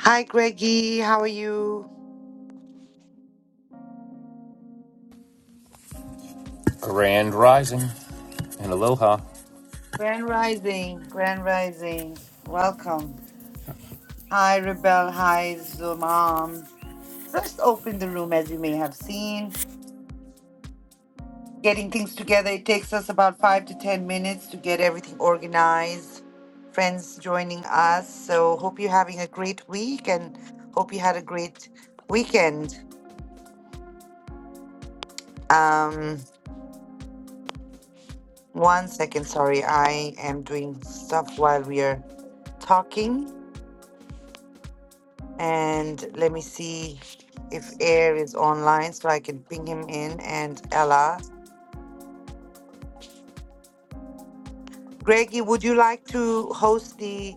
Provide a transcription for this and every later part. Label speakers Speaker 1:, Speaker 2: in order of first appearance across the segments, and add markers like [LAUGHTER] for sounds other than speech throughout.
Speaker 1: Hi, Greggy. How are you?
Speaker 2: Grand Rising and Aloha.
Speaker 1: Grand Rising, Grand Rising. Welcome. Hi, Rebel. Hi, Zulmam. Just open the room as you may have seen. Getting things together, it takes us about five to 10 minutes to get everything organized. Friends joining us. So, hope you're having a great week and hope you had a great weekend. Um, one second, sorry. I am doing stuff while we are talking. And let me see if Air is online so I can ping him in and Ella. Greggy, would you like to host the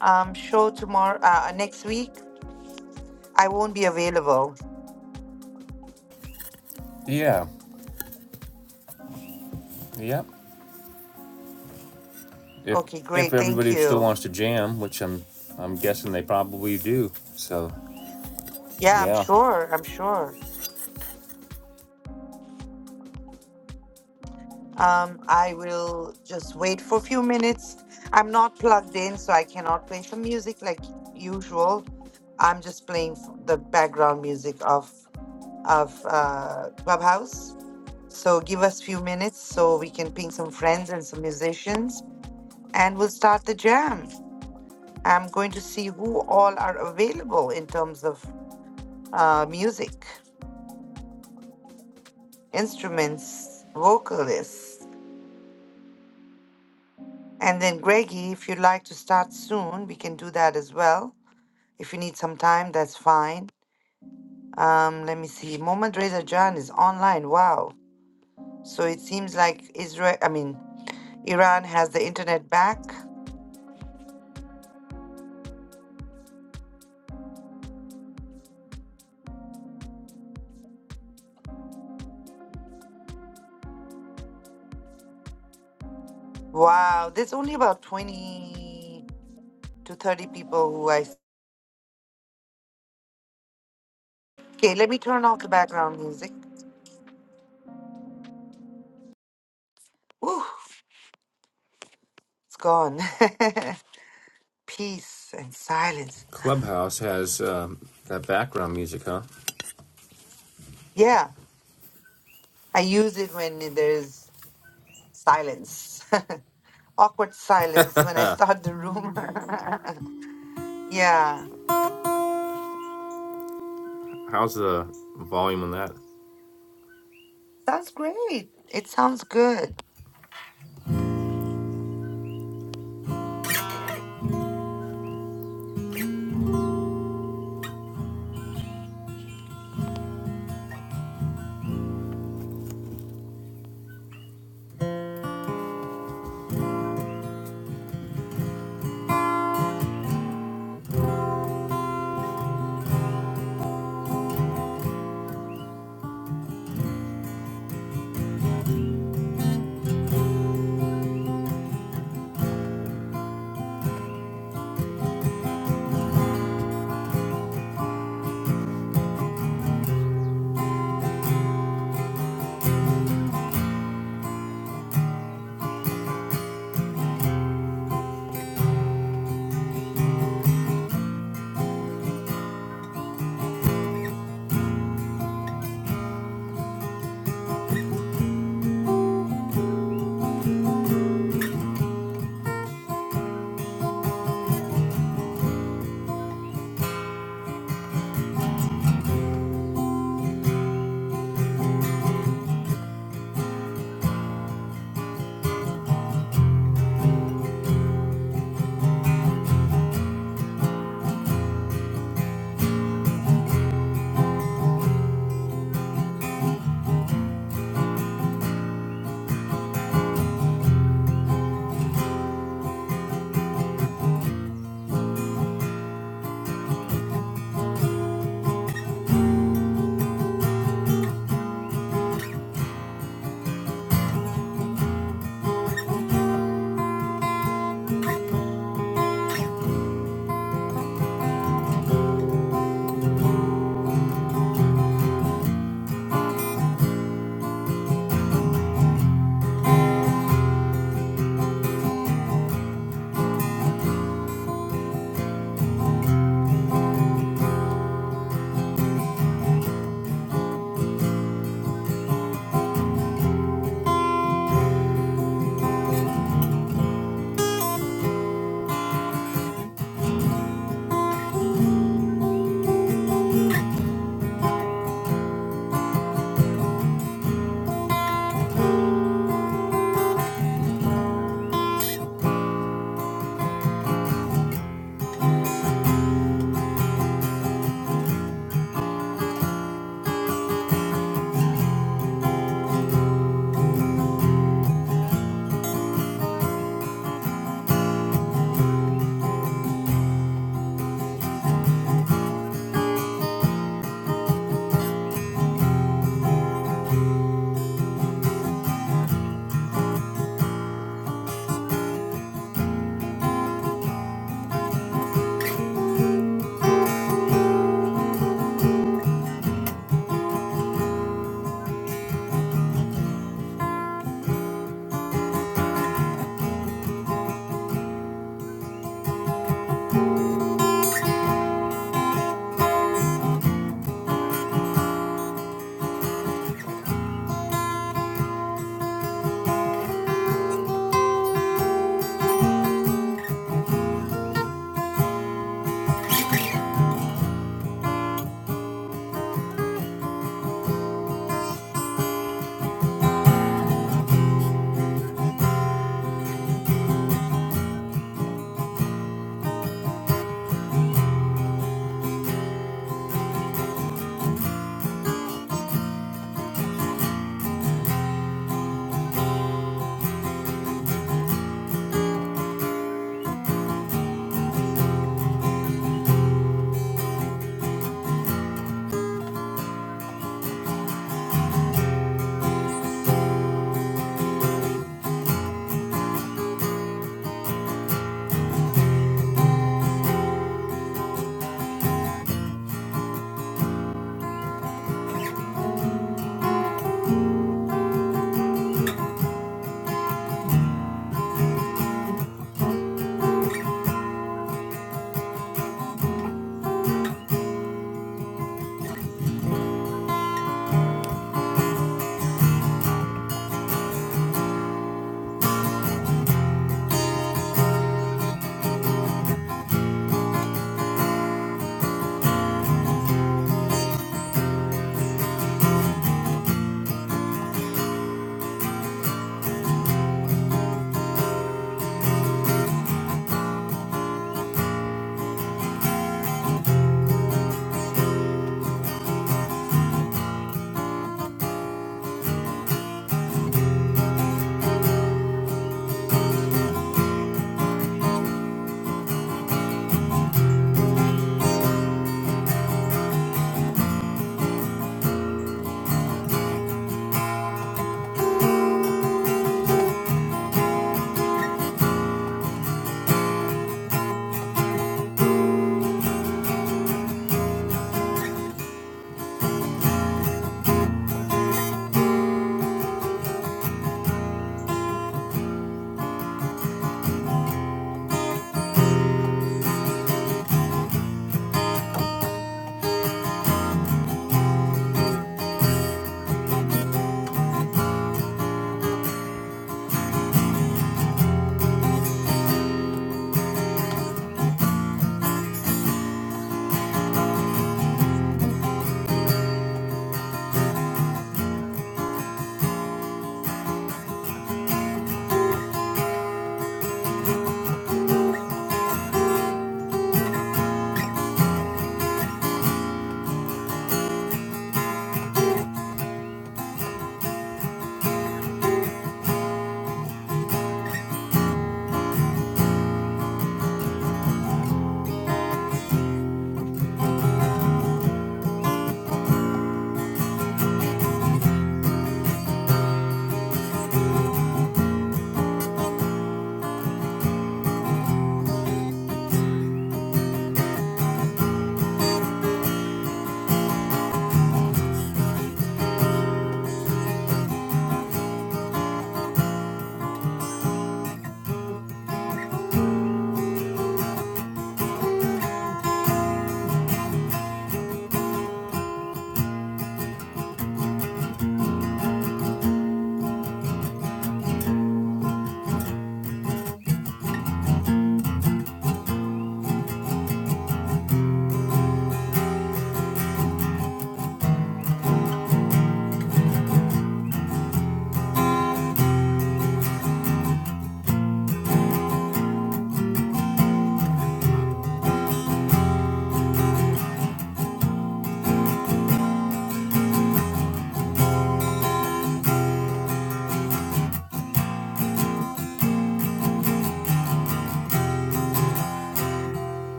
Speaker 1: um, show tomorrow, uh, next week? I won't be available.
Speaker 2: Yeah, yep. Yeah. If
Speaker 1: Okay,
Speaker 2: if
Speaker 1: great. Thank
Speaker 2: everybody still
Speaker 1: you.
Speaker 2: wants to jam, which I'm I'm guessing they probably do. So
Speaker 1: Yeah, I'm
Speaker 2: yeah,
Speaker 1: sure. I'm sure. Um, I will just wait for a few minutes. I'm not plugged in, so I cannot play some music like usual. I'm just playing f- the background music of of uh, Clubhouse. So give us few minutes so we can ping some friends and some musicians and we'll start the jam. I'm going to see who all are available in terms of uh, music, instruments, vocalists. And then Greggy, if you'd like to start soon, we can do that as well. If you need some time, that's fine. Um, let me see. Mohammad Reza Jan is online. Wow. So it seems like Israel, I mean, Iran has the internet back. Wow, there's only about 20. to 30 people who I. Okay, let me turn off the background music. Whew, it's gone. [LAUGHS] Peace and silence.
Speaker 2: Clubhouse has um, that background music, huh?
Speaker 1: Yeah, I use it when there's silence. [LAUGHS] Awkward silence when I start the room. [LAUGHS] yeah,
Speaker 2: How's the volume on that?
Speaker 1: sounds great. It sounds good.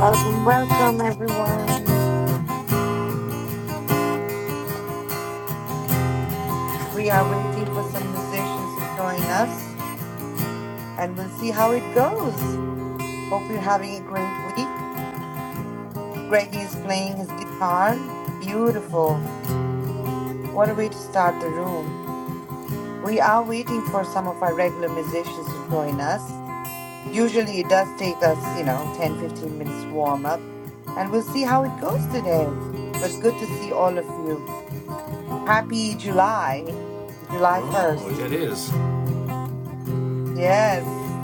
Speaker 1: Welcome, welcome, everyone. We are waiting for some musicians to join us and we'll see how it goes. Hope you're having a great week. Greggy is playing his guitar. Beautiful. What a way to start the room. We are waiting for some of our regular musicians to join us. Usually it does take us, you know, 10, 15 minutes to warm up, and we'll see how it goes today. But good to see all of you. Happy July, July
Speaker 2: Oh,
Speaker 1: 1st.
Speaker 2: yeah, it is.
Speaker 1: Yes,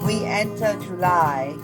Speaker 1: we enter July.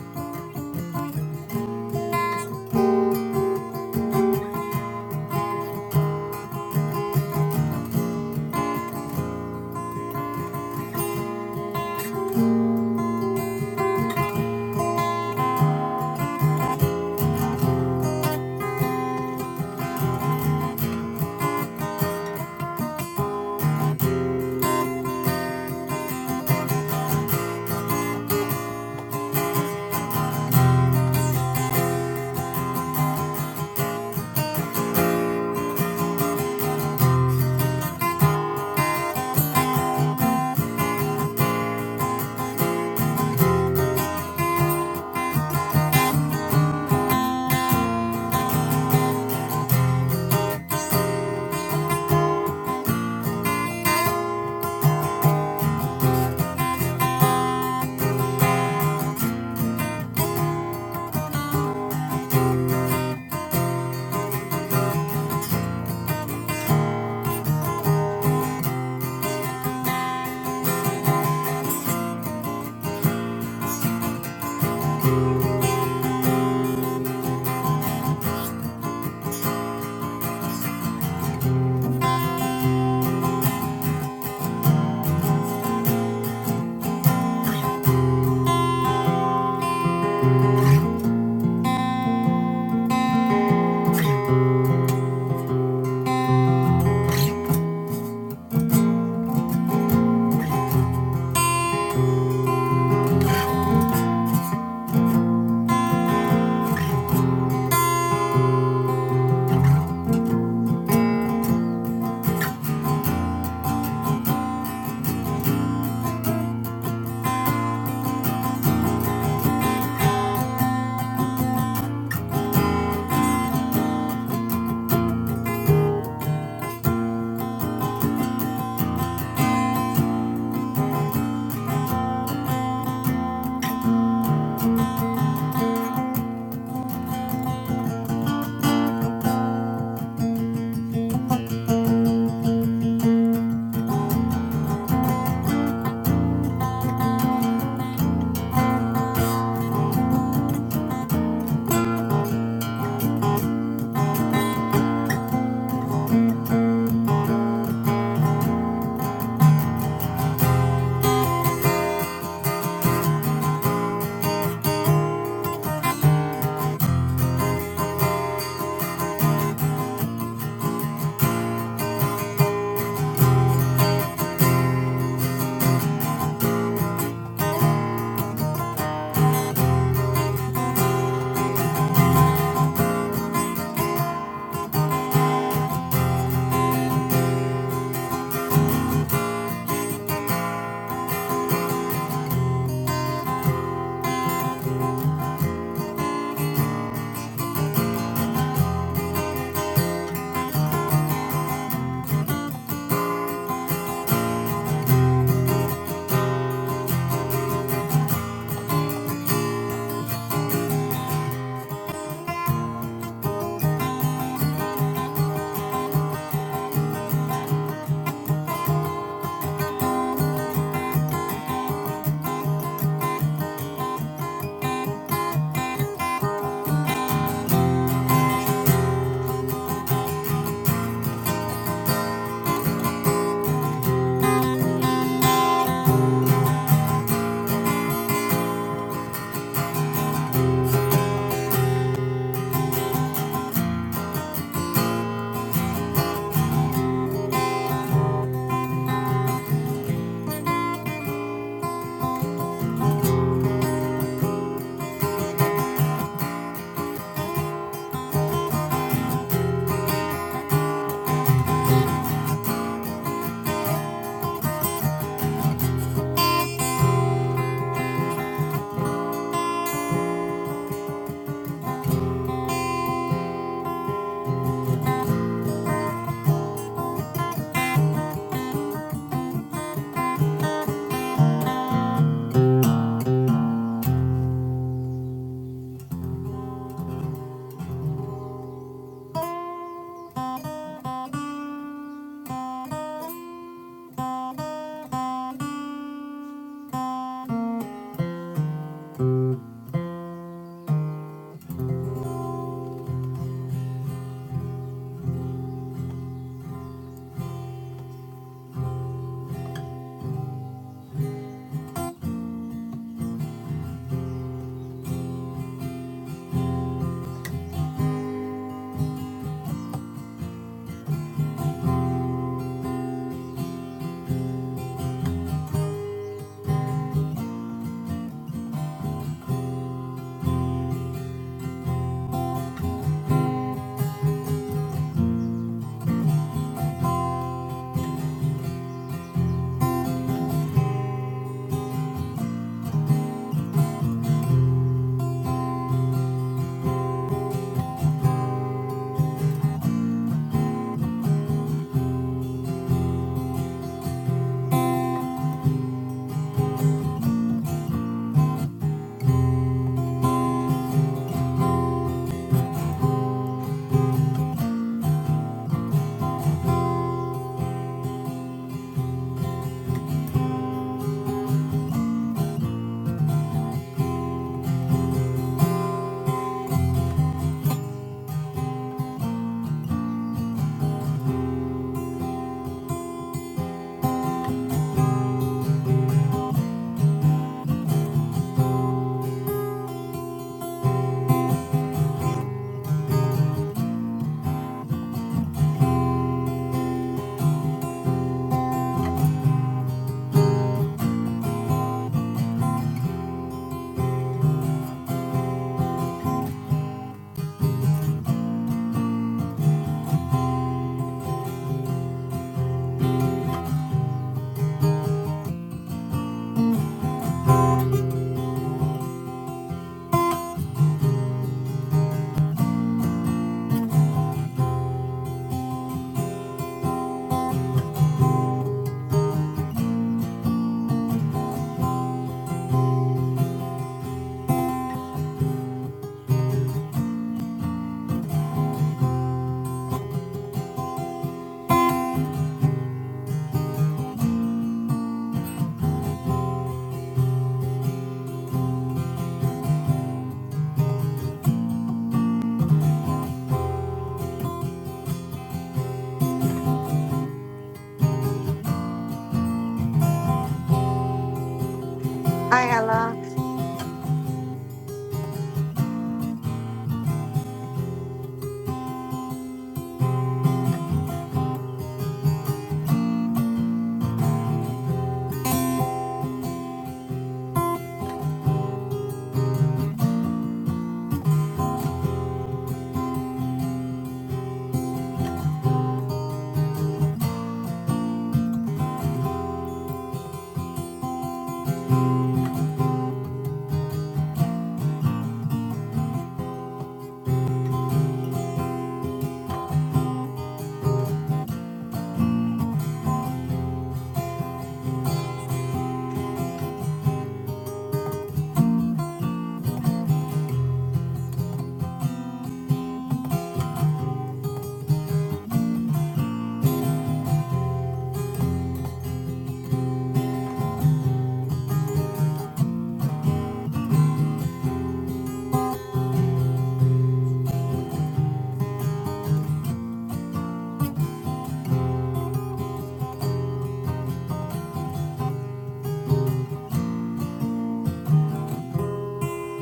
Speaker 1: Hi, Ella.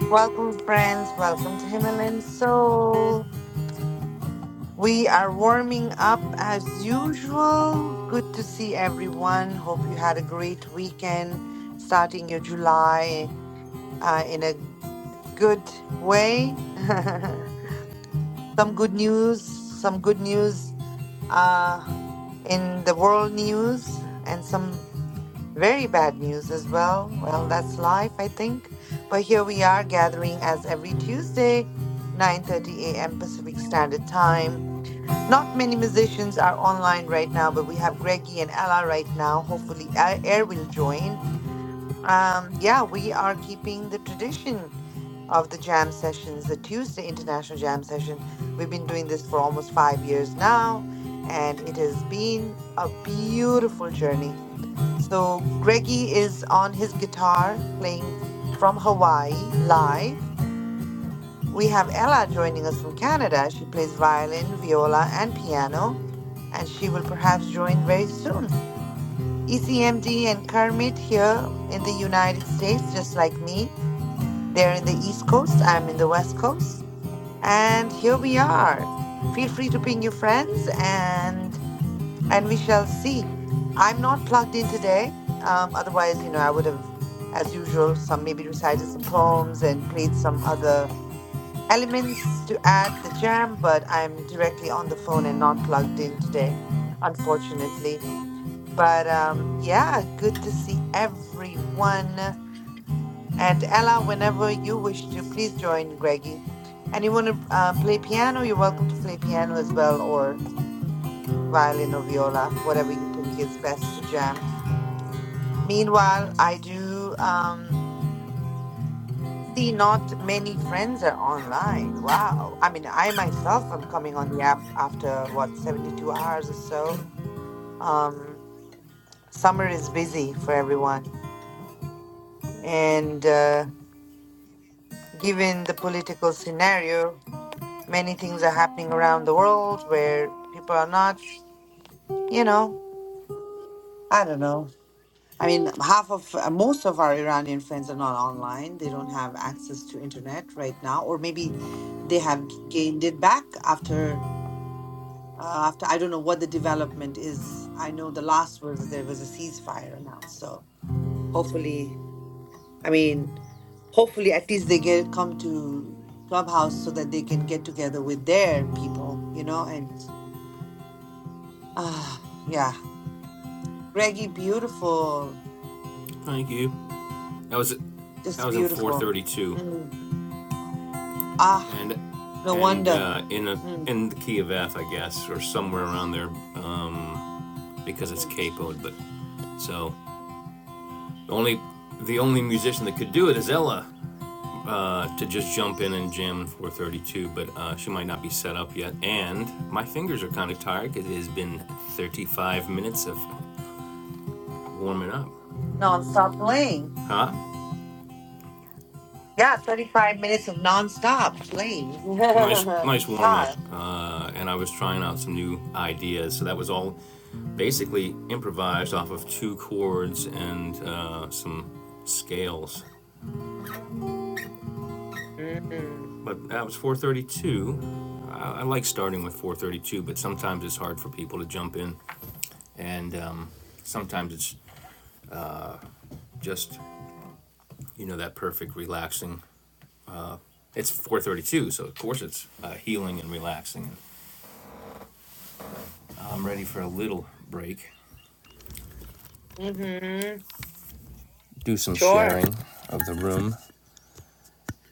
Speaker 1: Welcome, friends. Welcome to Himalayan Soul. We are warming up as usual. Good to see everyone. Hope you had a great weekend, starting your July uh, in a good way. [LAUGHS] some good news, some good news uh, in the world news, and some very bad news as well. Well, that's life, I think. But here we are gathering as every Tuesday, 9:30 a.m. Pacific Standard Time not many musicians are online right now, but we have Greggy and Ella right now. Hopefully, A- Air will join. Um, yeah, we are keeping the tradition of the jam sessions, the Tuesday International Jam Session. We've been doing this for almost five years now, and it has been a beautiful journey. So, Greggy is on his guitar playing from Hawaii live. We have Ella joining us from Canada. She plays violin, viola, and piano and she will perhaps join very soon. ECMD and Kermit here in the United States, just like me. They're in the East Coast, I'm in the West Coast. And here we are. Feel free to ping your friends and and we shall see. I'm not plugged in today. Um, otherwise, you know, I would have, as usual, some maybe recited some poems and played some other elements to add the jam, but I'm directly on the phone and not plugged in today, unfortunately. But um, yeah, good to see everyone. And Ella, whenever you wish to, please join Greggy. And you want to uh, play piano, you're welcome to play piano as well, or violin or viola, whatever you think is best to jam. Meanwhile, I do um, see not many friends are online. Wow. I mean, I myself am coming on the app after what, 72 hours or so. Um, summer is busy for everyone. And. uh, given the political scenario, many things are happening around the world where people are not, you know, I don't know. I mean, half of uh, most of our Iranian friends are not online. They don't have access to internet right now, or maybe they have g- gained it back after uh, after I don't know what the development is. I know the last was there was a ceasefire announced, so hopefully I mean, hopefully at least they get come to Clubhouse so that they can get together with their people, you know, and ah yeah. Reggie, beautiful.
Speaker 2: Thank you. That was that
Speaker 1: Just
Speaker 2: was in
Speaker 1: beautiful.
Speaker 2: 432,
Speaker 1: Mm. Ah,
Speaker 2: and
Speaker 1: no
Speaker 2: and
Speaker 1: wonder.
Speaker 2: uh, in a
Speaker 1: Mm.
Speaker 2: in the key of F, I guess, or somewhere around there, because it's
Speaker 1: Mm.
Speaker 2: capoed. But so. Only the only musician that could do it is Ella uh, to just jump in and jam in 432, but uh, she might not be set up yet. And my fingers are kind of tired because it has been 35 minutes of warming up.
Speaker 1: Non-stop playing.
Speaker 2: Huh?
Speaker 1: Yeah, 35 minutes of non-stop playing. [LAUGHS]
Speaker 2: Nice, nice warm up.
Speaker 1: Guitar.
Speaker 2: Uh, and I was trying out some new ideas, so that was all basically improvised off of two chords and uh, some scales.
Speaker 1: Mm.
Speaker 2: But that was 432. I, I like starting with 432, but sometimes it's hard for people to jump in. and um, sometimes it's just you know that perfect relaxing. It's 4:32, so of course it's uh, healing and relaxing. I'm ready for a little break.
Speaker 1: Mm-hmm.
Speaker 2: Do some
Speaker 1: Sure.
Speaker 2: sharing of the room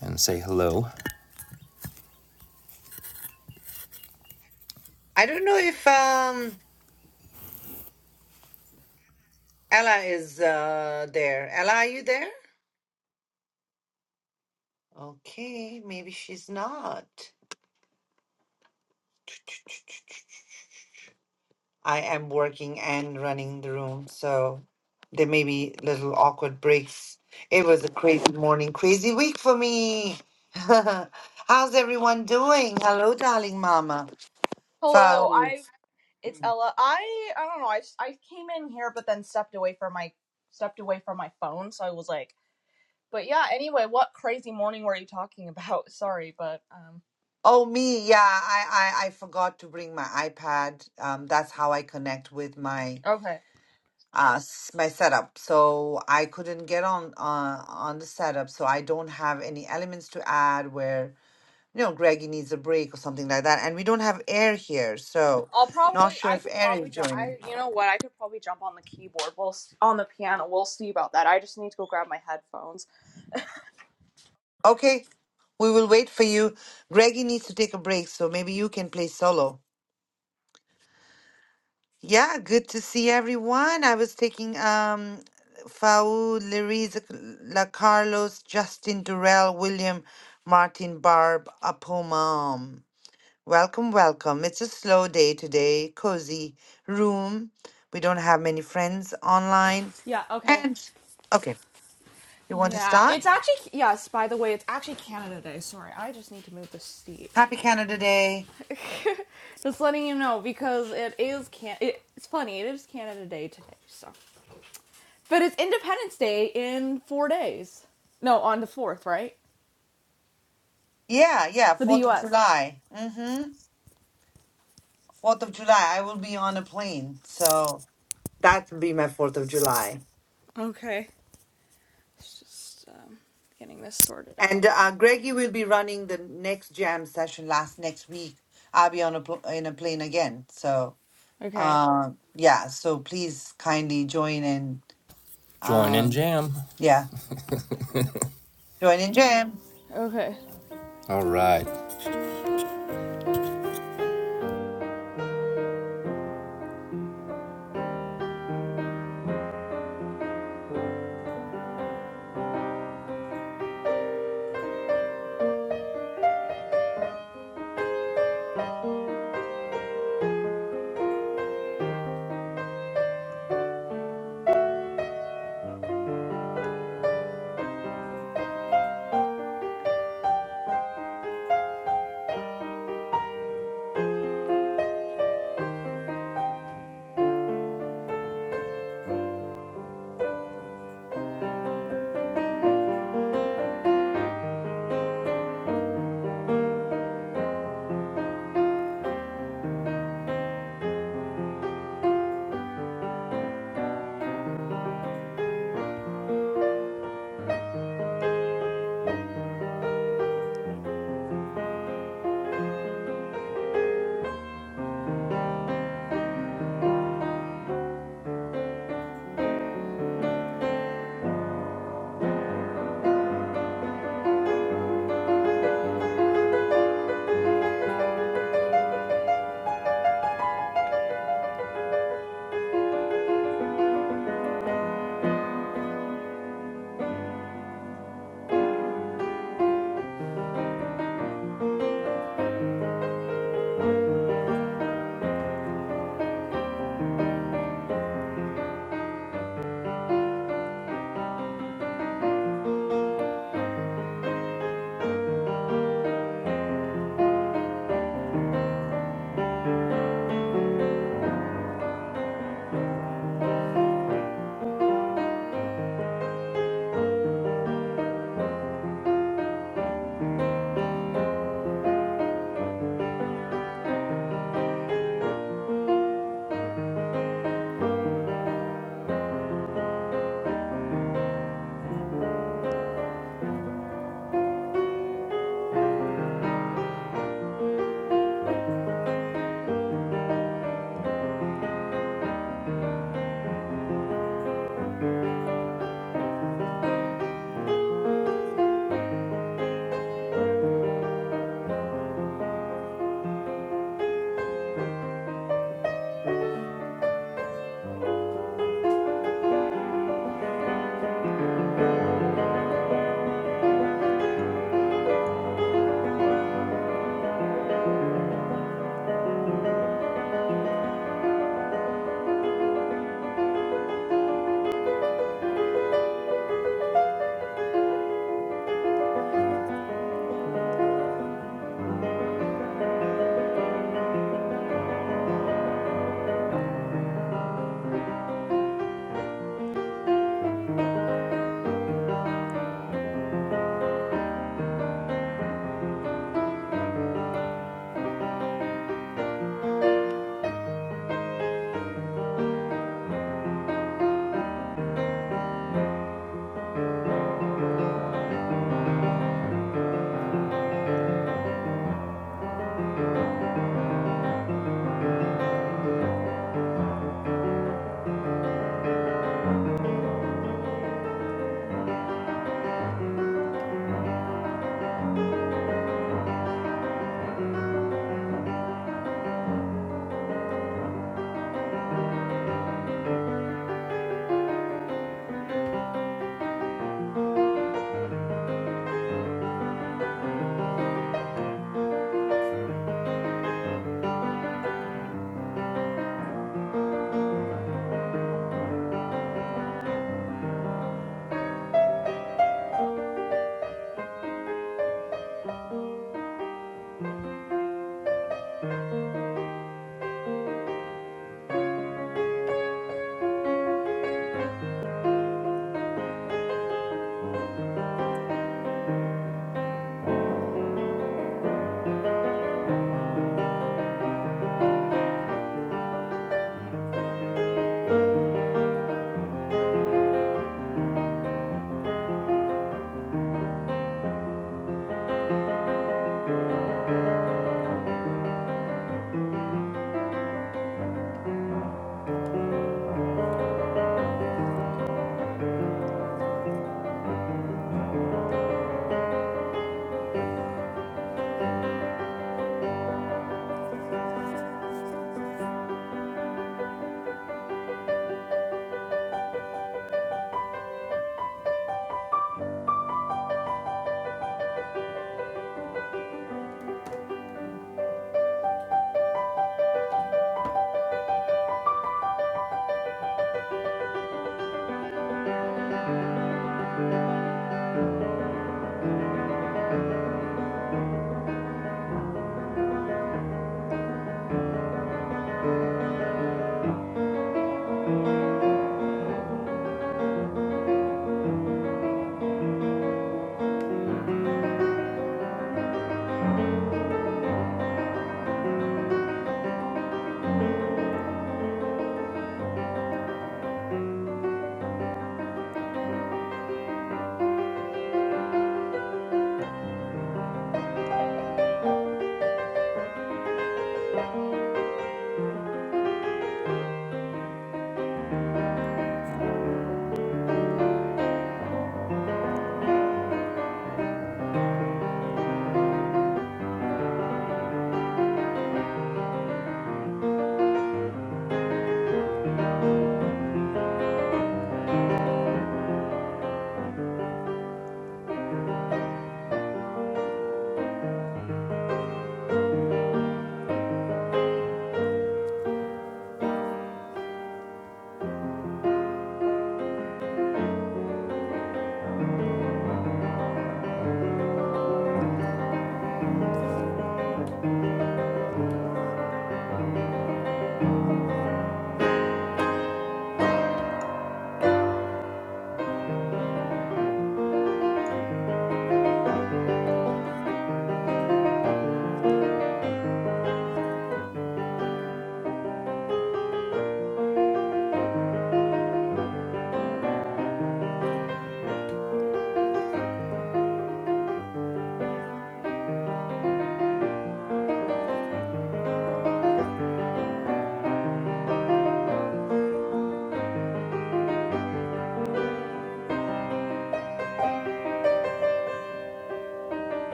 Speaker 2: and say hello.
Speaker 1: I don't know if um Ella is uh there. Ella, are you there? Okay, maybe she's not. I am working and running the room, so there may be little awkward breaks. It was a crazy morning, crazy week for me. [LAUGHS] How's everyone doing? Hello, darling mama.
Speaker 3: Hello,
Speaker 1: Farooq.
Speaker 3: I it's
Speaker 1: Mm.
Speaker 3: Ella. I I don't know. I I came in here but then stepped away from my stepped away from my phone, so I was like, but yeah, anyway, what crazy morning were you talking about? [LAUGHS] Sorry, but um
Speaker 1: Oh, me, yeah, I, I, I forgot to bring my iPad. Um, that's how I connect with my
Speaker 3: okay.
Speaker 1: uh s- my setup so i couldn't get on uh, on the setup so i don't have any elements to add where you know greggy needs a break or something like that and we don't have air here so
Speaker 3: I'll probably
Speaker 1: not sure
Speaker 3: I
Speaker 1: if
Speaker 3: could
Speaker 1: air is
Speaker 3: probably jump
Speaker 1: joining
Speaker 3: I you know what? I could probably jump on the keyboard. We'll s- on the piano. We'll see about that. I just need to go grab my headphones.
Speaker 1: okay we will wait for you greggy needs to take a break so maybe you can play solo yeah good to see everyone i was taking um Faou, Lariz, La Carlos, Justin Durrell, William, Martin Barb, Apomam. Welcome, welcome. It's a slow day today, cozy room. We don't have many friends online.
Speaker 3: Yeah, okay.
Speaker 1: And okay, you want to
Speaker 3: Yeah.
Speaker 1: start?
Speaker 3: It's actually yes, by the way, it's actually Canada Day. Sorry. I just need to move the seat
Speaker 1: Happy
Speaker 3: here.
Speaker 1: Canada Day.
Speaker 3: [LAUGHS] Just letting you know because it is can it, it's funny, it is Canada Day today, so but it's Independence Day in four days. No, on the fourth, right?
Speaker 1: Yeah, yeah,
Speaker 3: For the
Speaker 1: 4th of
Speaker 3: US.
Speaker 1: July. Mm-hmm. 4th of July. I will be on a plane. So that will be my 4th of July.
Speaker 3: Okay. It's just um, getting this sorted out.
Speaker 1: And uh, Greggy will be running the next jam session last next week. I'll be on a pl- in a plane again. So
Speaker 3: Okay.
Speaker 1: uh, yeah, so please kindly join in.
Speaker 2: Join in
Speaker 1: Um,
Speaker 2: jam.
Speaker 1: yeah.
Speaker 3: Okay.
Speaker 1: Joining Jam.
Speaker 3: Okay.
Speaker 2: All right.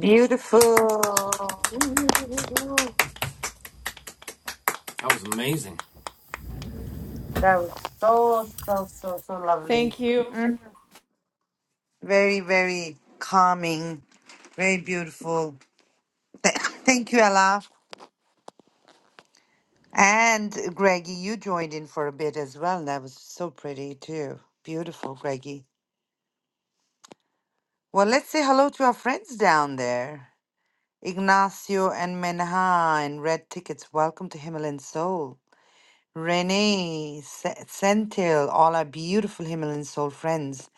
Speaker 1: Beautiful.
Speaker 2: That was amazing.
Speaker 1: That was so, so, so, so lovely.
Speaker 3: Thank you.
Speaker 1: Mm. Very, very calming. Very beautiful. Th- [LAUGHS] Thank you, Ella. And Greggy, you joined in for a bit as well. That was so pretty, too. Beautiful, Greggy. Well, let's say hello to our friends down there. Ignacio and Menha and Red Tickets, welcome to Himalayan Soul. Renee, Se- Sentil, all our beautiful Himalayan Soul friends,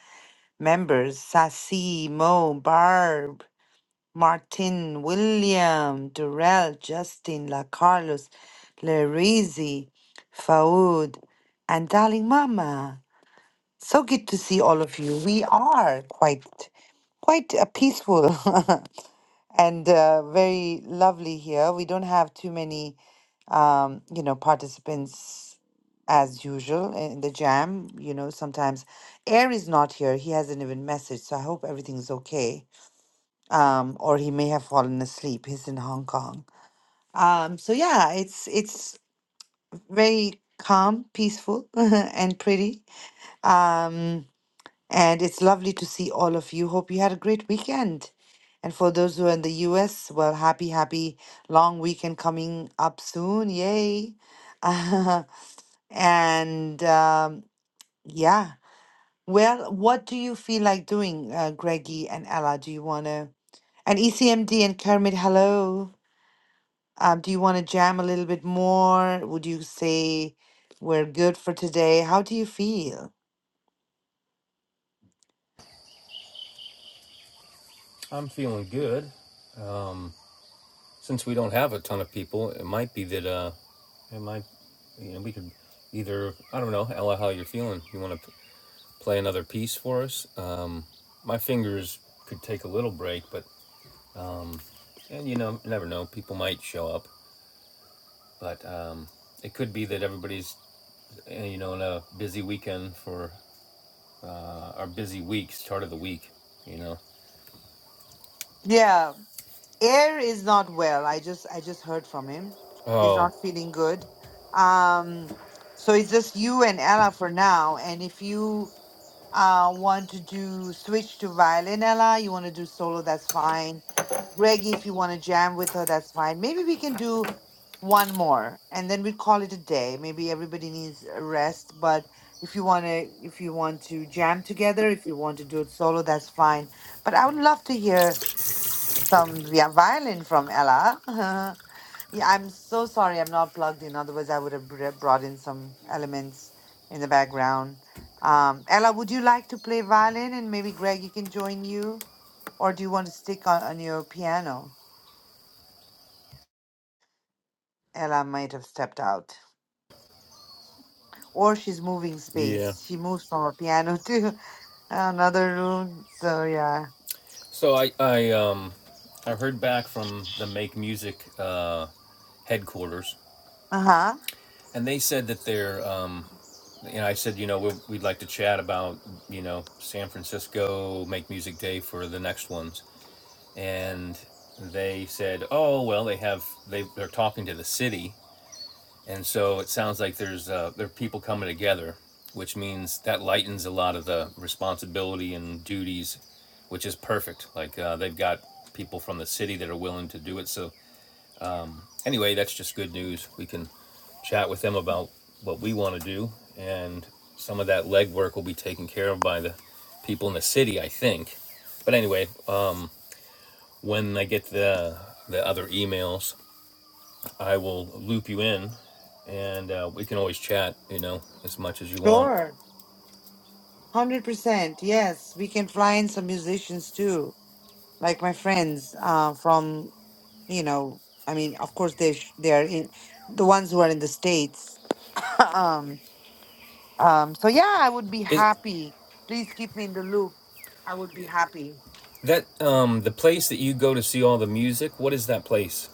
Speaker 1: members, Sassy, Mo, Barb, Martin, William, Durrell, Justin, La Carlos, Larizi, Faoud, and darling Mama. So good to see all of you. We are quite quite uh, peaceful [LAUGHS] and uh, very lovely here. We don't have too many um, you know, participants as usual in the jam. You know, sometimes Air is not here. He hasn't even messaged, so I hope everything's okay. Um, or he may have fallen asleep. He's in Hong Kong. Um, so yeah, it's it's very calm, peaceful, [LAUGHS] and pretty. Um, and it's lovely to see all of you. Hope you had a great weekend. And for those who are in the US, well, happy, happy long weekend coming up soon. Yay. [LAUGHS] And um, yeah, well, what do you feel like doing, uh, Greggy and Ella? Do you want to, and ECMD and Kermit, hello. Um, do you want to jam a little bit more? Would you say we're good for today? How do you feel?
Speaker 2: I'm feeling good. Since we don't have a ton of people, it might be that uh, it might you know we could either I don't know Ella how you're feeling. You want to play another piece for us? Uh, my fingers could take a little break, but and you know never know people might show up but um, it could be that everybody's uh, you know in a busy weekend for uh, our busy week start of the week you know
Speaker 1: Yeah, Air is not well. I just I just heard from him. He's
Speaker 2: oh
Speaker 1: not feeling good. Um, so it's just you and Ella for now. And if you Uh, want to do switch to violinella? You want to do solo? That's fine. Reggie, if you want to jam with her, that's fine. Maybe we can do one more, and then we call it a day. Maybe everybody needs a rest, but if you want to, if you want to jam together, if you want to do it solo, that's fine. But I would love to hear some via violin from Ella. [LAUGHS] Yeah, I'm so sorry I'm not plugged in. Otherwise, I would have br- brought in some elements in the background. Um, Ella, would you like to play violin and maybe Greg, you can join you? Or do you want to stick on, on your piano? Ella might have stepped out. Or she's moving
Speaker 2: yeah
Speaker 1: space. She moves from her piano [LAUGHS] to another room. So, yeah.
Speaker 2: so i i um i heard back from the make music uh headquarters
Speaker 1: Uh huh.
Speaker 2: and they said that they're um you know i said you know we we'd like to chat about you know san francisco make music day for the next ones and they said oh well they have they they're talking to the city And so it sounds like there's uh, there are people coming together, which means that lightens a lot of the responsibility and duties, which is perfect. Like uh, they've got people from the city that are willing to do it. So anyway, that's just good news. We can chat with them about what we want to do, and some of that legwork will be taken care of by the people in the city, I think. But anyway, uh, when I get the the other emails, I will loop you in, and uh, we can always chat. You know, as much as you want.
Speaker 1: Sure. 100%. Yes. We can fly in some musicians too, like my friends uh, from you know, I mean, of course they sh- they are in the ones who are in the states. [LAUGHS] um, um, so yeah, I would be
Speaker 2: Is
Speaker 1: happy. Please keep me in the loop. I would be happy.
Speaker 2: that
Speaker 1: So,
Speaker 2: um the place that you go to see all the music? What is that place?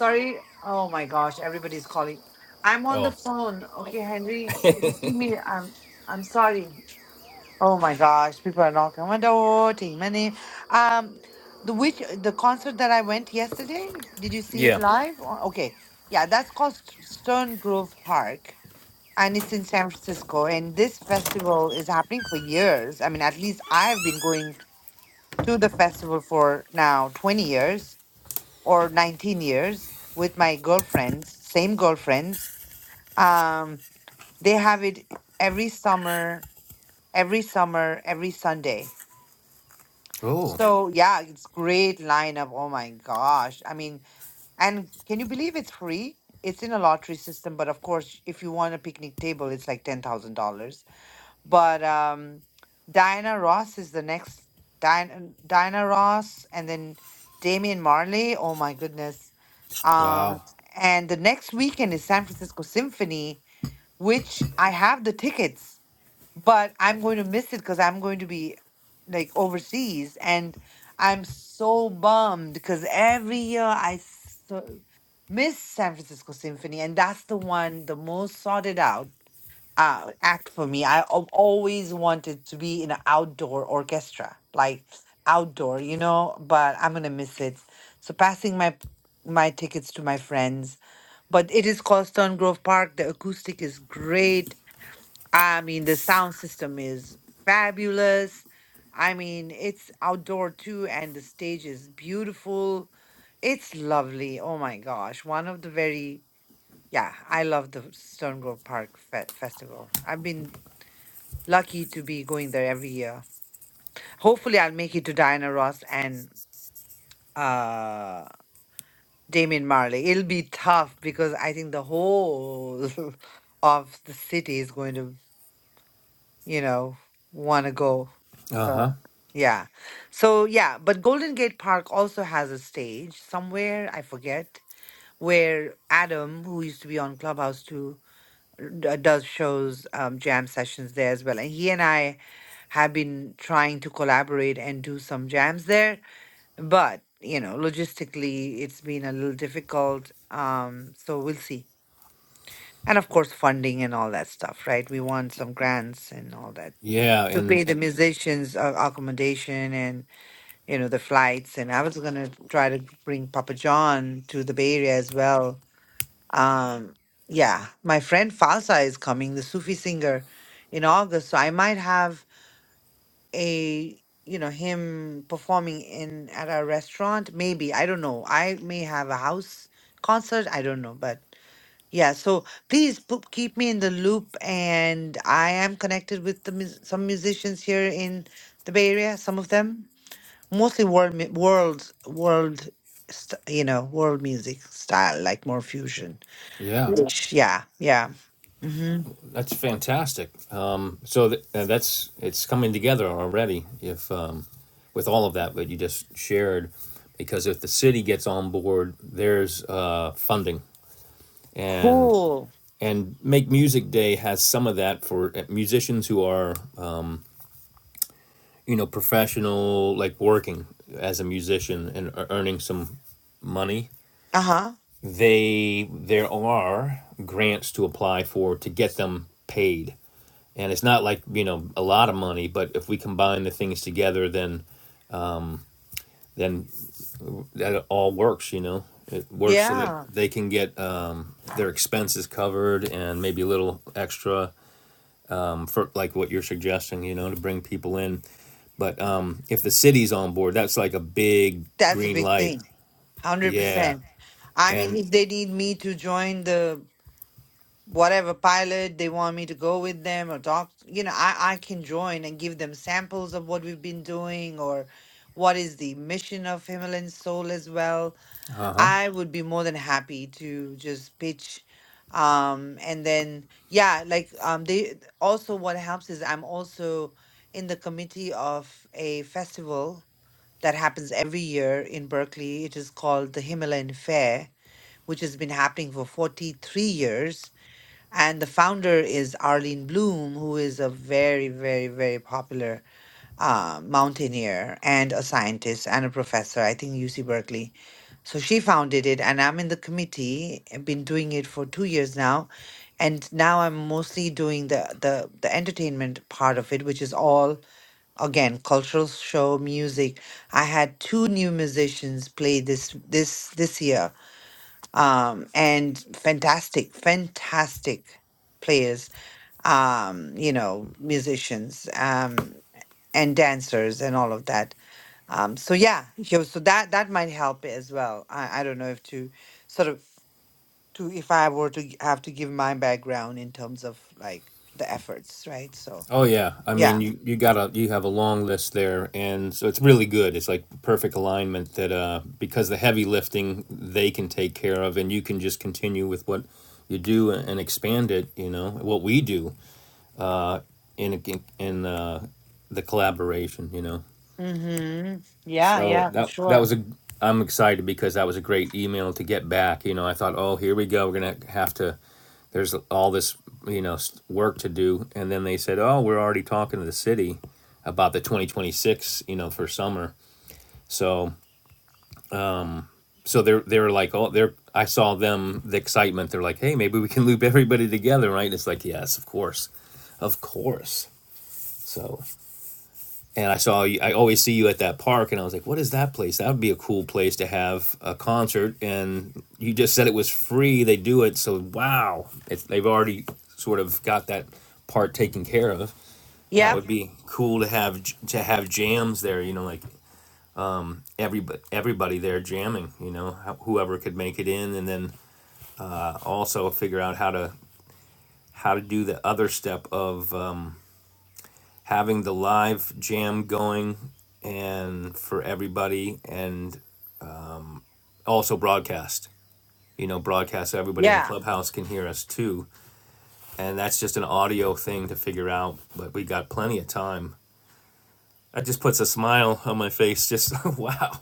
Speaker 1: sorry. Oh my gosh, everybody's calling. I'm on the
Speaker 2: Oh,
Speaker 1: phone. Okay, Henry, So, just give me. I'm I'm sorry. Oh my gosh, people are knocking on my door, taking my name. Um, the which the concert that I went yesterday. Did you see it
Speaker 2: yeah,
Speaker 1: live? Or- Okay, yeah, that's called Stone Grove Park and it's in San Francisco. And this festival is happening for years. I mean, at least I've been going to the festival for now 20 years or 19 years with my girlfriends, same girlfriends. Um, they have it every summer, every summer, every Sunday. So yeah, it's great lineup. Oh my gosh. I mean, and can you believe it's free? It's in a lottery system, but of course, if you want a picnic table, it's like $10,000 But um, Diana Ross is the next Diana Diana Ross, and then Damian Marley. Oh my goodness! Um,
Speaker 2: Wow.
Speaker 1: and the next weekend is San Francisco Symphony, which I have the tickets, but I'm going to miss it because I'm going to be like overseas, and I'm so bummed because every year I so miss San Francisco Symphony, and that's the one the most sought it out uh, act for me. I have always wanted to be in an outdoor orchestra, like outdoor, you know. But I'm gonna miss it. So passing my my tickets to my friends. But it is called Stone Grove Park. The acoustic is great. I mean, the sound system is fabulous. I mean, it's outdoor too, and the stage is beautiful. It's lovely. Oh my gosh, one of the very yeah, I love the Stone Grove Park fe- Festival. I've been lucky to be going there every year. Hopefully, I'll make it to Diana Ross and uh, Damien Marley. It'll be tough because I think the whole [LAUGHS] of the city is going to, you know, want to go.
Speaker 2: Uh huh.
Speaker 1: So, yeah. So, yeah, but Golden Gate Park also has a stage somewhere, I forget, where Adam, who used to be on Clubhouse too, d- uh, does shows um, jam sessions there as well. And he and I have been trying to collaborate and do some jams there, but you know, logistically, it's been a little difficult. Um, so we'll see. And of course, funding and all that stuff, right? We want some grants and all that
Speaker 2: Yeah,
Speaker 1: to
Speaker 2: and
Speaker 1: pay
Speaker 2: uh,
Speaker 1: the musicians uh, accommodation and you know the flights. And I was gonna try to bring Papa John to the Bay Area as well um, yeah, my friend Falsa is coming, the Sufi singer, in August. So I might have a, you know, him performing in at a restaurant. Maybe I don't know. I may have a house concert. I don't know, but yeah. So please p- keep me in the loop, and I am connected with the mus- some musicians here in the Bay Area. Some of them, mostly world mu- world world, st- you know, world music style, like more fusion.
Speaker 2: yeah,
Speaker 1: Yeah, yeah. hmm
Speaker 2: that's fantastic. Um, so th- uh, that's it's coming together already. If um, with all of that, what you just shared, because if the city gets on board, there's uh, funding, and
Speaker 1: Cool.
Speaker 2: and make music day has some of that for uh, musicians who are uh, you know professional like working as a musician and are earning some money
Speaker 1: Uh-huh.
Speaker 2: they there are grants to apply for to get them paid and it's not like you know a lot of money but if we combine the things together then then that all works you know it works so that
Speaker 1: Yeah.
Speaker 2: they can get um, their expenses covered and maybe a little extra um, for like what you're suggesting you know to bring people in But um, if the city's on board, that's like a big
Speaker 1: That's a
Speaker 2: green
Speaker 1: big
Speaker 2: light.
Speaker 1: thing.
Speaker 2: Yeah.
Speaker 1: 100%. I mean,
Speaker 2: And
Speaker 1: if they need me to join the whatever pilot they want me to go with them or talk, you know, I I can join and give them samples of what we've been doing or what is the mission of Himalayan Soul as well.
Speaker 2: uh huh.
Speaker 1: I would be more than happy to just pitch. Um, and then, yeah, like um, they also what helps is I'm also in the committee of a festival that happens every year in Berkeley. It is called the Himalayan Fair, which has been happening for 43 years. And the founder is Arlene Bloom, who is a very, very, very popular uh, mountaineer and a scientist and a professor, I think UC Berkeley. So she founded it, and I'm in the committee. I've been doing it for two years now, and now I'm mostly doing the the the entertainment part of it, which is all again cultural show music. I had two new musicians play this this this year um, and fantastic, fantastic players, um, you know, musicians, um, and dancers and all of that. Um, so yeah, yo, so that that might help as well. I, I don't know if to sort of to if I were to g- have to give my background in terms of like the efforts, right? So
Speaker 2: Oh yeah. I mean,
Speaker 1: yeah.
Speaker 2: you you got to you have a long list there, and so it's really good. It's like perfect alignment that uh because the heavy lifting they can take care of, and you can just continue with what you do and, and expand it. You know what we do uh in in, in uh, the collaboration. You know.
Speaker 1: Mm-hmm. Yeah,
Speaker 2: So
Speaker 1: yeah, for
Speaker 2: that that
Speaker 1: sure.
Speaker 2: was a I'm excited because that was a great email to get back. You know, I thought, oh, here we go. We're gonna have to. There's all this you know work to do, and then they said, oh, we're already talking to the city about the 2026. You know, for summer. So so they're they're like, oh, they're. I saw them the excitement. They're like, hey, maybe we can loop everybody together, right? And it's like, yes, of course, of course. So and I saw I always see you at that park, and I was like, "What is that place? That would be a cool place to have a concert." And you just said it was free; they do it, so wow, it's, they've already sort of got that part taken care of. That
Speaker 1: Yep.
Speaker 2: would be cool to have to have jams there, you know, like everybody everybody there jamming, you know, whoever could make it in, and then also figure out how to how to do the other step of um, having the live jam going and for everybody and also broadcast you know broadcast so everybody on
Speaker 1: Yeah,
Speaker 2: clubhouse can hear us too and that's just an audio thing to figure out but we got plenty of time that just puts a smile on my face just [LAUGHS] wow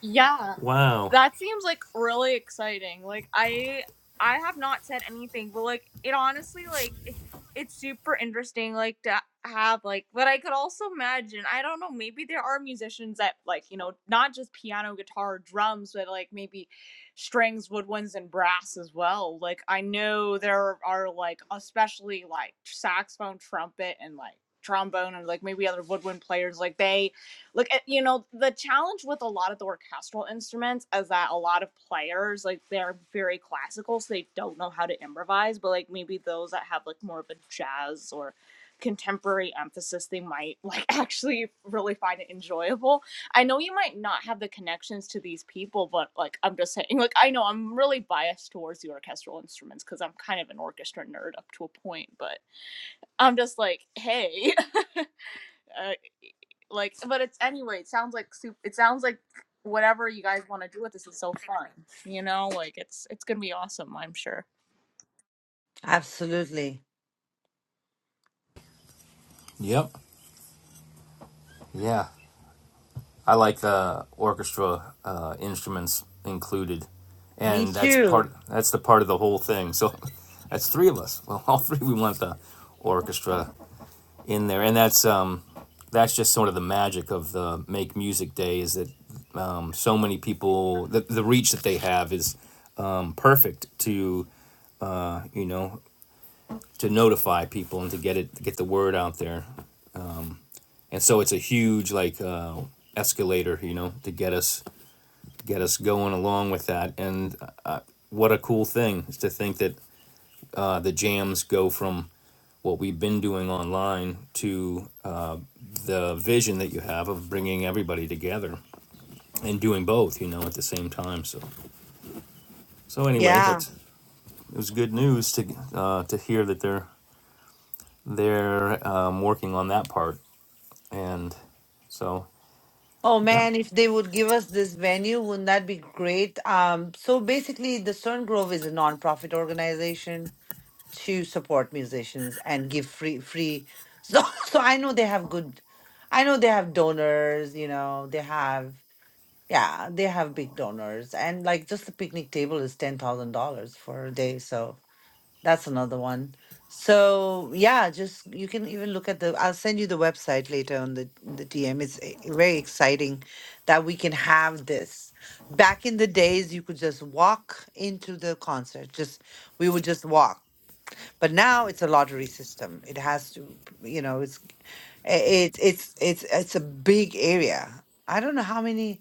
Speaker 3: Yeah.
Speaker 2: wow
Speaker 3: That seems like really exciting. Like I I have not said anything, but like it honestly like it, it's super interesting like to have like but I could also imagine, I don't know, maybe there are musicians that like, you know, not just piano, guitar, drums, but like maybe strings, woodwinds and brass as well. Like I know there are like especially like saxophone, trumpet and like trombone and like maybe other woodwind players like they Look at you know the challenge with a lot of the orchestral instruments is that a lot of players like they're very classical, so they don't know how to improvise. But like maybe those that have like more of a jazz or contemporary emphasis, they might [LAUGHS] like actually really find it enjoyable. I know you might not have the connections to these people, but like I'm just saying, like I know I'm really biased towards the orchestral instruments because I'm kind of an orchestra nerd up to a point, but I'm just like, hey. [LAUGHS] uh, e, like but it's anyway it sounds like soup it sounds like whatever you guys want to do with this is so fun you know like it's it's gonna be awesome i'm sure
Speaker 1: absolutely.
Speaker 2: yep yeah i like the orchestra uh, instruments included
Speaker 1: Me
Speaker 2: and that's part
Speaker 1: too.
Speaker 2: that's the part of the whole thing so [LAUGHS] that's three of us well [LAUGHS] all three we want the orchestra in there and that's um that's just sort of the magic of the make music day is that so many people the, the reach that they have is um, perfect to you know to notify people and to get it to get the word out there and so it's a huge like uh, escalator you know to get us get us going along with that and uh, uh, what a cool thing is to think that uh, the jams go from what we've been doing online to uh, the vision that you have of bringing everybody together and doing both you know at the same time so so anyway
Speaker 1: Yeah.
Speaker 2: that's it was good news to uh, to hear that they're they're um, working on that part, and so
Speaker 1: Oh
Speaker 2: yeah,
Speaker 1: man, if they would give us this venue, wouldn't that be great? Um, so basically, the Stern Grove is a nonprofit organization to support musicians and give free free. So, [LAUGHS] so I know they have good. I know they have donors. You know they have yeah they have big donors and like just the picnic table is ten thousand dollars for a day. So that's another one. So yeah, just you can even look at the. I'll send you the website later on the the DM. It's e- very exciting that we can have this. Back in the days, you could just walk into the concert. Just we would just walk. But now it's a lottery system. It has to, you know, it's i- it's it's it's it's a big area. I don't know how many.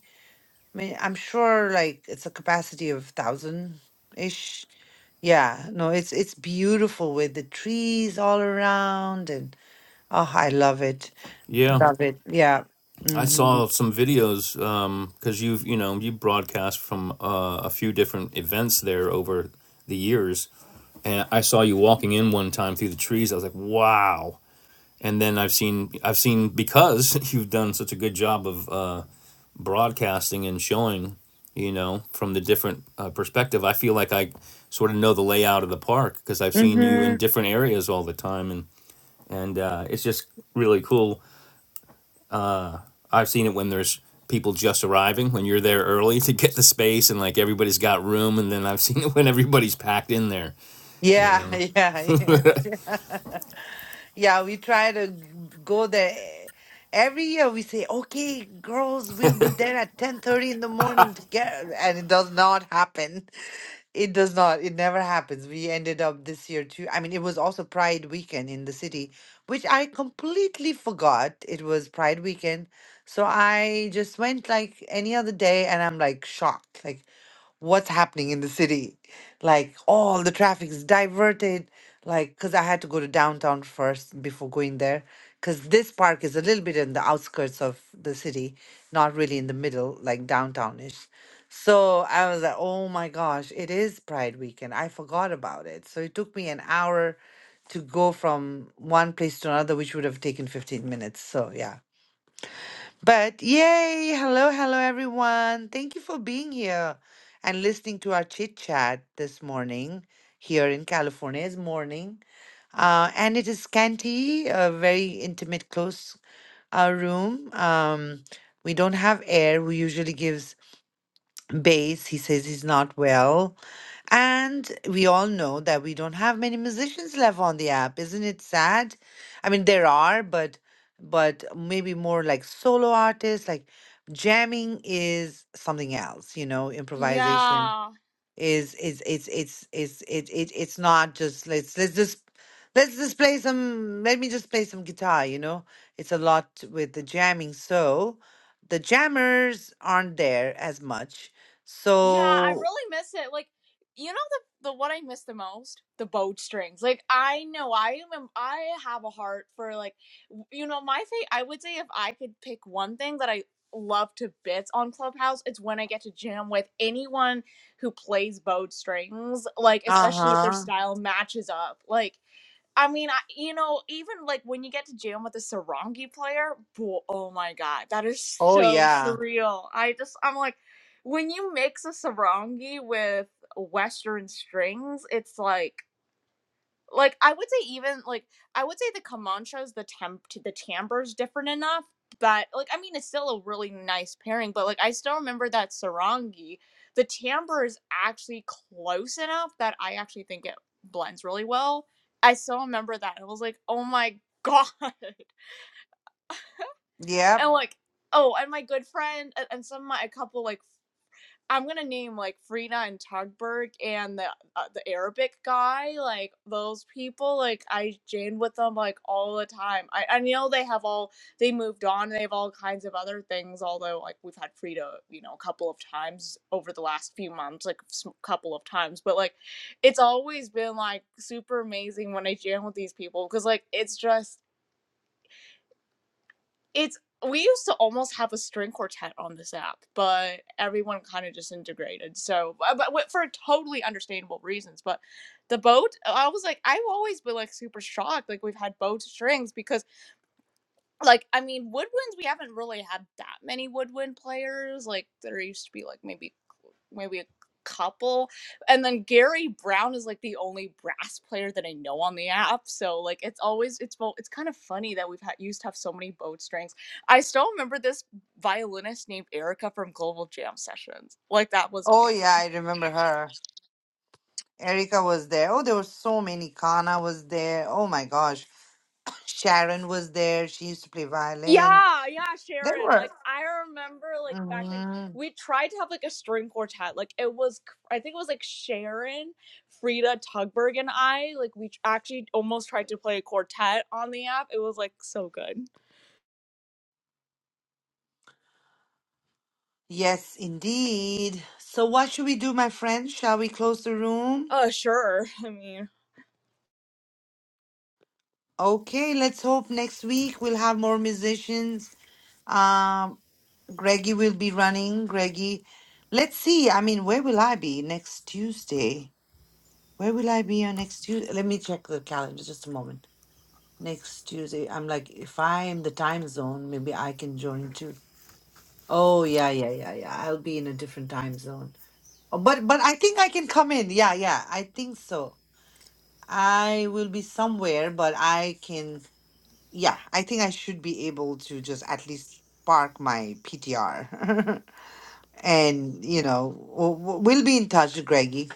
Speaker 1: I mean, I'm sure like it's a capacity of thousand ish. Yeah, no, it's it's beautiful with the trees all around and oh, I love it.
Speaker 2: yeah.
Speaker 1: Love it. Yeah.
Speaker 2: I
Speaker 1: hmm
Speaker 2: saw some videos because you've you know you broadcast from uh, a few different events there over the years, and I saw you walking in one time through the trees. I was like, wow. And then I've seen I've seen because [LAUGHS] you've done such a good job of uh, broadcasting and showing, you know, from the different uh, perspective, I feel like I sort of know the layout of the park because I've seen you
Speaker 1: hmm
Speaker 2: in different areas all the time, and and uh, it's just really cool. I've seen it when there's people just arriving when you're there early to get the space and like everybody's got room and then i've [LAUGHS] seen it when everybody's packed in there you
Speaker 1: Yeah, [LAUGHS]
Speaker 2: know
Speaker 1: yeah, yes. [LAUGHS] Yeah, we try to g- go there. Every year we say, "Okay, girls, we'll be there at 10:30 in the morning to get," and it does not happen. It does not. It never happens. We ended up this year too. I mean, it was also Pride weekend in the city, which I completely forgot. It was Pride weekend. So I just went like any other day and I'm like shocked. Like, what's happening in the city? Like, all the traffic is diverted. Like, because I had to go to downtown first before going there. Because this park is a little bit in the outskirts of the city, not really in the middle, like downtown downtownish. So I was like, oh my gosh, it is Pride weekend. I forgot about it. So it took me an hour to go from one place to another, which would have taken 15 minutes. So yeah. But yay. Hello, hello, everyone. Thank you for being here and listening to our chit chat this morning here in California. It's morning. Uh, and it is scanty, a very intimate, close uh, room. Um, we don't have air. We usually gives bass. He says he's not well. And we all know that we don't have many musicians left on the app. Isn't it sad? I mean, there are, but but maybe more like solo artists, like jamming is something else, you know, improvisation
Speaker 3: Yeah,
Speaker 1: is is it's it's it's it, it it's not just let's let's just let's just play some let me just play some guitar you know it's a lot with the jamming so the jammers aren't there as much
Speaker 3: Yeah, I
Speaker 1: so
Speaker 3: really miss it. Like, you know the the what I miss the most? The boat strings. Like I know I am I have a heart for like you know my fa- I would say if I could pick one thing that I love to bits on Clubhouse, it's when I get to jam with anyone who plays bowed strings, like especially if their
Speaker 1: uh-huh
Speaker 3: style matches up. Like I mean, I, you know, even like when you get to jam with a sarangi player, bo- oh my god, that is
Speaker 1: oh
Speaker 3: so
Speaker 1: yeah
Speaker 3: surreal. I just, I'm like, when you mix a sarangi with Western strings, it's like like I would say even like I would say the Comanches, the temp to the timbre is different enough But like I mean it's still a really nice pairing, but like I still remember that Sarangi, the timbre is actually close enough that I actually think it blends really well. I still remember that. I was like, oh my god. [LAUGHS]
Speaker 1: yep
Speaker 3: And like, oh, and my good friend and and some of my a couple like I'm gonna name like Frida and Tugberg and the uh, the Arabic guy, like those people. Like I jam with them like all the time. I, I know they have all they moved on. They have all kinds of other things. Although like we've had Frida, you know, a couple of times over the last few months, like a couple of times. But like, it's always been like super amazing when I jam with these people because like it's just it's we used to almost have a string quartet on this app, but everyone kind of disintegrated. So, uh, but for totally understandable reasons. But the boat, I was like, I've always been like super shocked. Like we've had boat strings because like I mean woodwinds we haven't really had that many woodwind players like there used to be like maybe maybe a couple and then Gary Brown is like the only brass player that I know on the app so like it's always it's well it's kind of funny that we've had used to have so many boat strings I still remember this violinist named Erica from Global Jam Sessions like that was
Speaker 1: oh
Speaker 3: amazing
Speaker 1: yeah i remember her erica was there oh there were so many kana was there oh my gosh sharon was there she used to play violin
Speaker 3: Yeah, yeah,
Speaker 1: there
Speaker 3: Sharon.
Speaker 1: were
Speaker 3: Like I remember like back in
Speaker 1: mm-hmm.
Speaker 3: we tried to have like a string quartet. Like it was I think it was like Sharon, Frida Tugberg and I, like we actually almost tried to play a quartet on the app. It was like so good.
Speaker 1: Yes, indeed. So, what should we do, my friend? Shall we close the room?
Speaker 3: Uh sure. [LAUGHS] I mean
Speaker 1: Okay, let's hope next week we'll have more musicians. Um, Greggy will be running. Greggy, let's see. I mean, where will I be next Tuesday? Where will I be on next Tuesday? Let me check the calendar just a moment. Next Tuesday, I'm like, if I am the time zone, maybe I can join too. Oh, yeah, yeah, yeah, yeah. I'll be in a different time zone. Oh, But but I think I can come in. Yeah, yeah. I think so. I will be somewhere, but I can, yeah, I think I should be able to just at least park my PTR. [LAUGHS] And, you know, w- w- we'll be in touch, Greggy.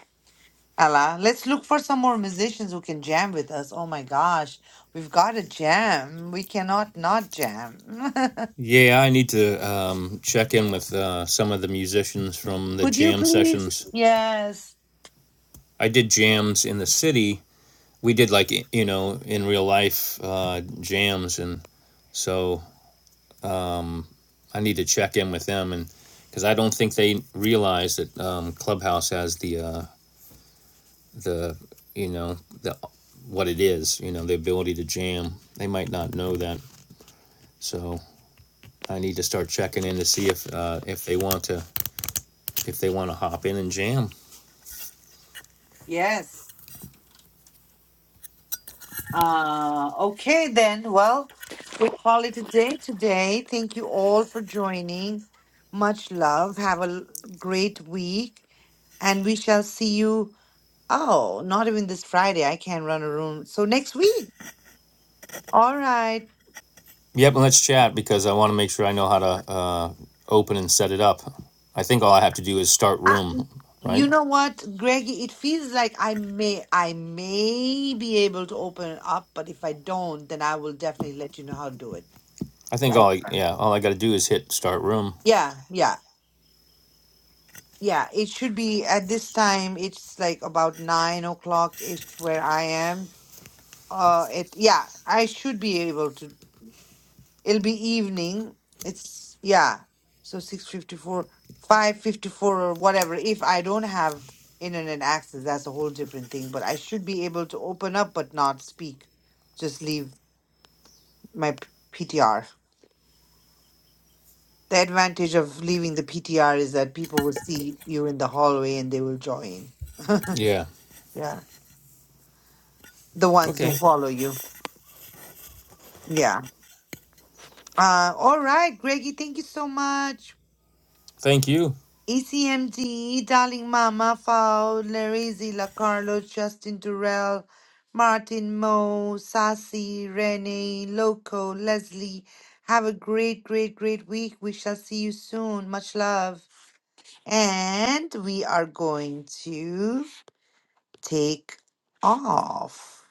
Speaker 1: Allah, let's look for some more musicians who can jam with us. Oh my gosh, we've got to jam. We cannot not jam.
Speaker 2: yeah i need to um, check in with uh, some of the musicians from
Speaker 1: [LAUGHS]
Speaker 2: the
Speaker 1: Could you
Speaker 2: jam
Speaker 1: please?
Speaker 2: sessions
Speaker 1: Yes.
Speaker 2: i did jams in the city we did like you know in real life uh, jams, and so I need to check in with them, and because I don't think they realize that um, Clubhouse has the uh, the you know the what it is, you know, the ability to jam. They might not know that, so I need to start checking in to see if uh, if they want to if they want to hop in and jam.
Speaker 1: Yes. Uh, okay, then. Well, we call it a day today. Thank you all for joining. Much love. Have a l- great week. And we shall see you. Oh, not even this Friday. I can't run a room. So next week. All right.
Speaker 2: Yep, and let's chat because I want to make sure I know how to uh, open and set it up. I think all I have to do is start
Speaker 1: Uh,
Speaker 2: room,
Speaker 1: you
Speaker 2: right?
Speaker 1: know what, Greggy? It feels like I may, I may be able to open it up, but if I don't, then I will definitely let you know how to do it.
Speaker 2: I think
Speaker 1: Like,
Speaker 2: all I, yeah, all I got to do is hit start room.
Speaker 1: yeah, yeah. Yeah, it should be at this time. It's like about nine o'clock if where I am. Uh, it yeah, I should be able to. It'll be evening. It's yeah, so six fifty four, five fifty four, or whatever. If I don't have internet access, that's a whole different thing. But I should be able to open up but not speak. Just leave my p- PTR. The advantage of leaving the PTR is that people will see you in the hallway and they will join.
Speaker 2: Yeah.
Speaker 1: Yeah, the ones
Speaker 2: Okay.
Speaker 1: who follow you. Yeah. Uh, all right, Greggy, thank you so much.
Speaker 2: Thank you.
Speaker 1: ECMD, Darling Mama, Fowl, Larizzi, La Carlo, Justin Durrell, Martin Mo, Sassy, Renee, Loco, Leslie. Have a great, great, great week. We shall see you soon. Much love. And we are going to take off.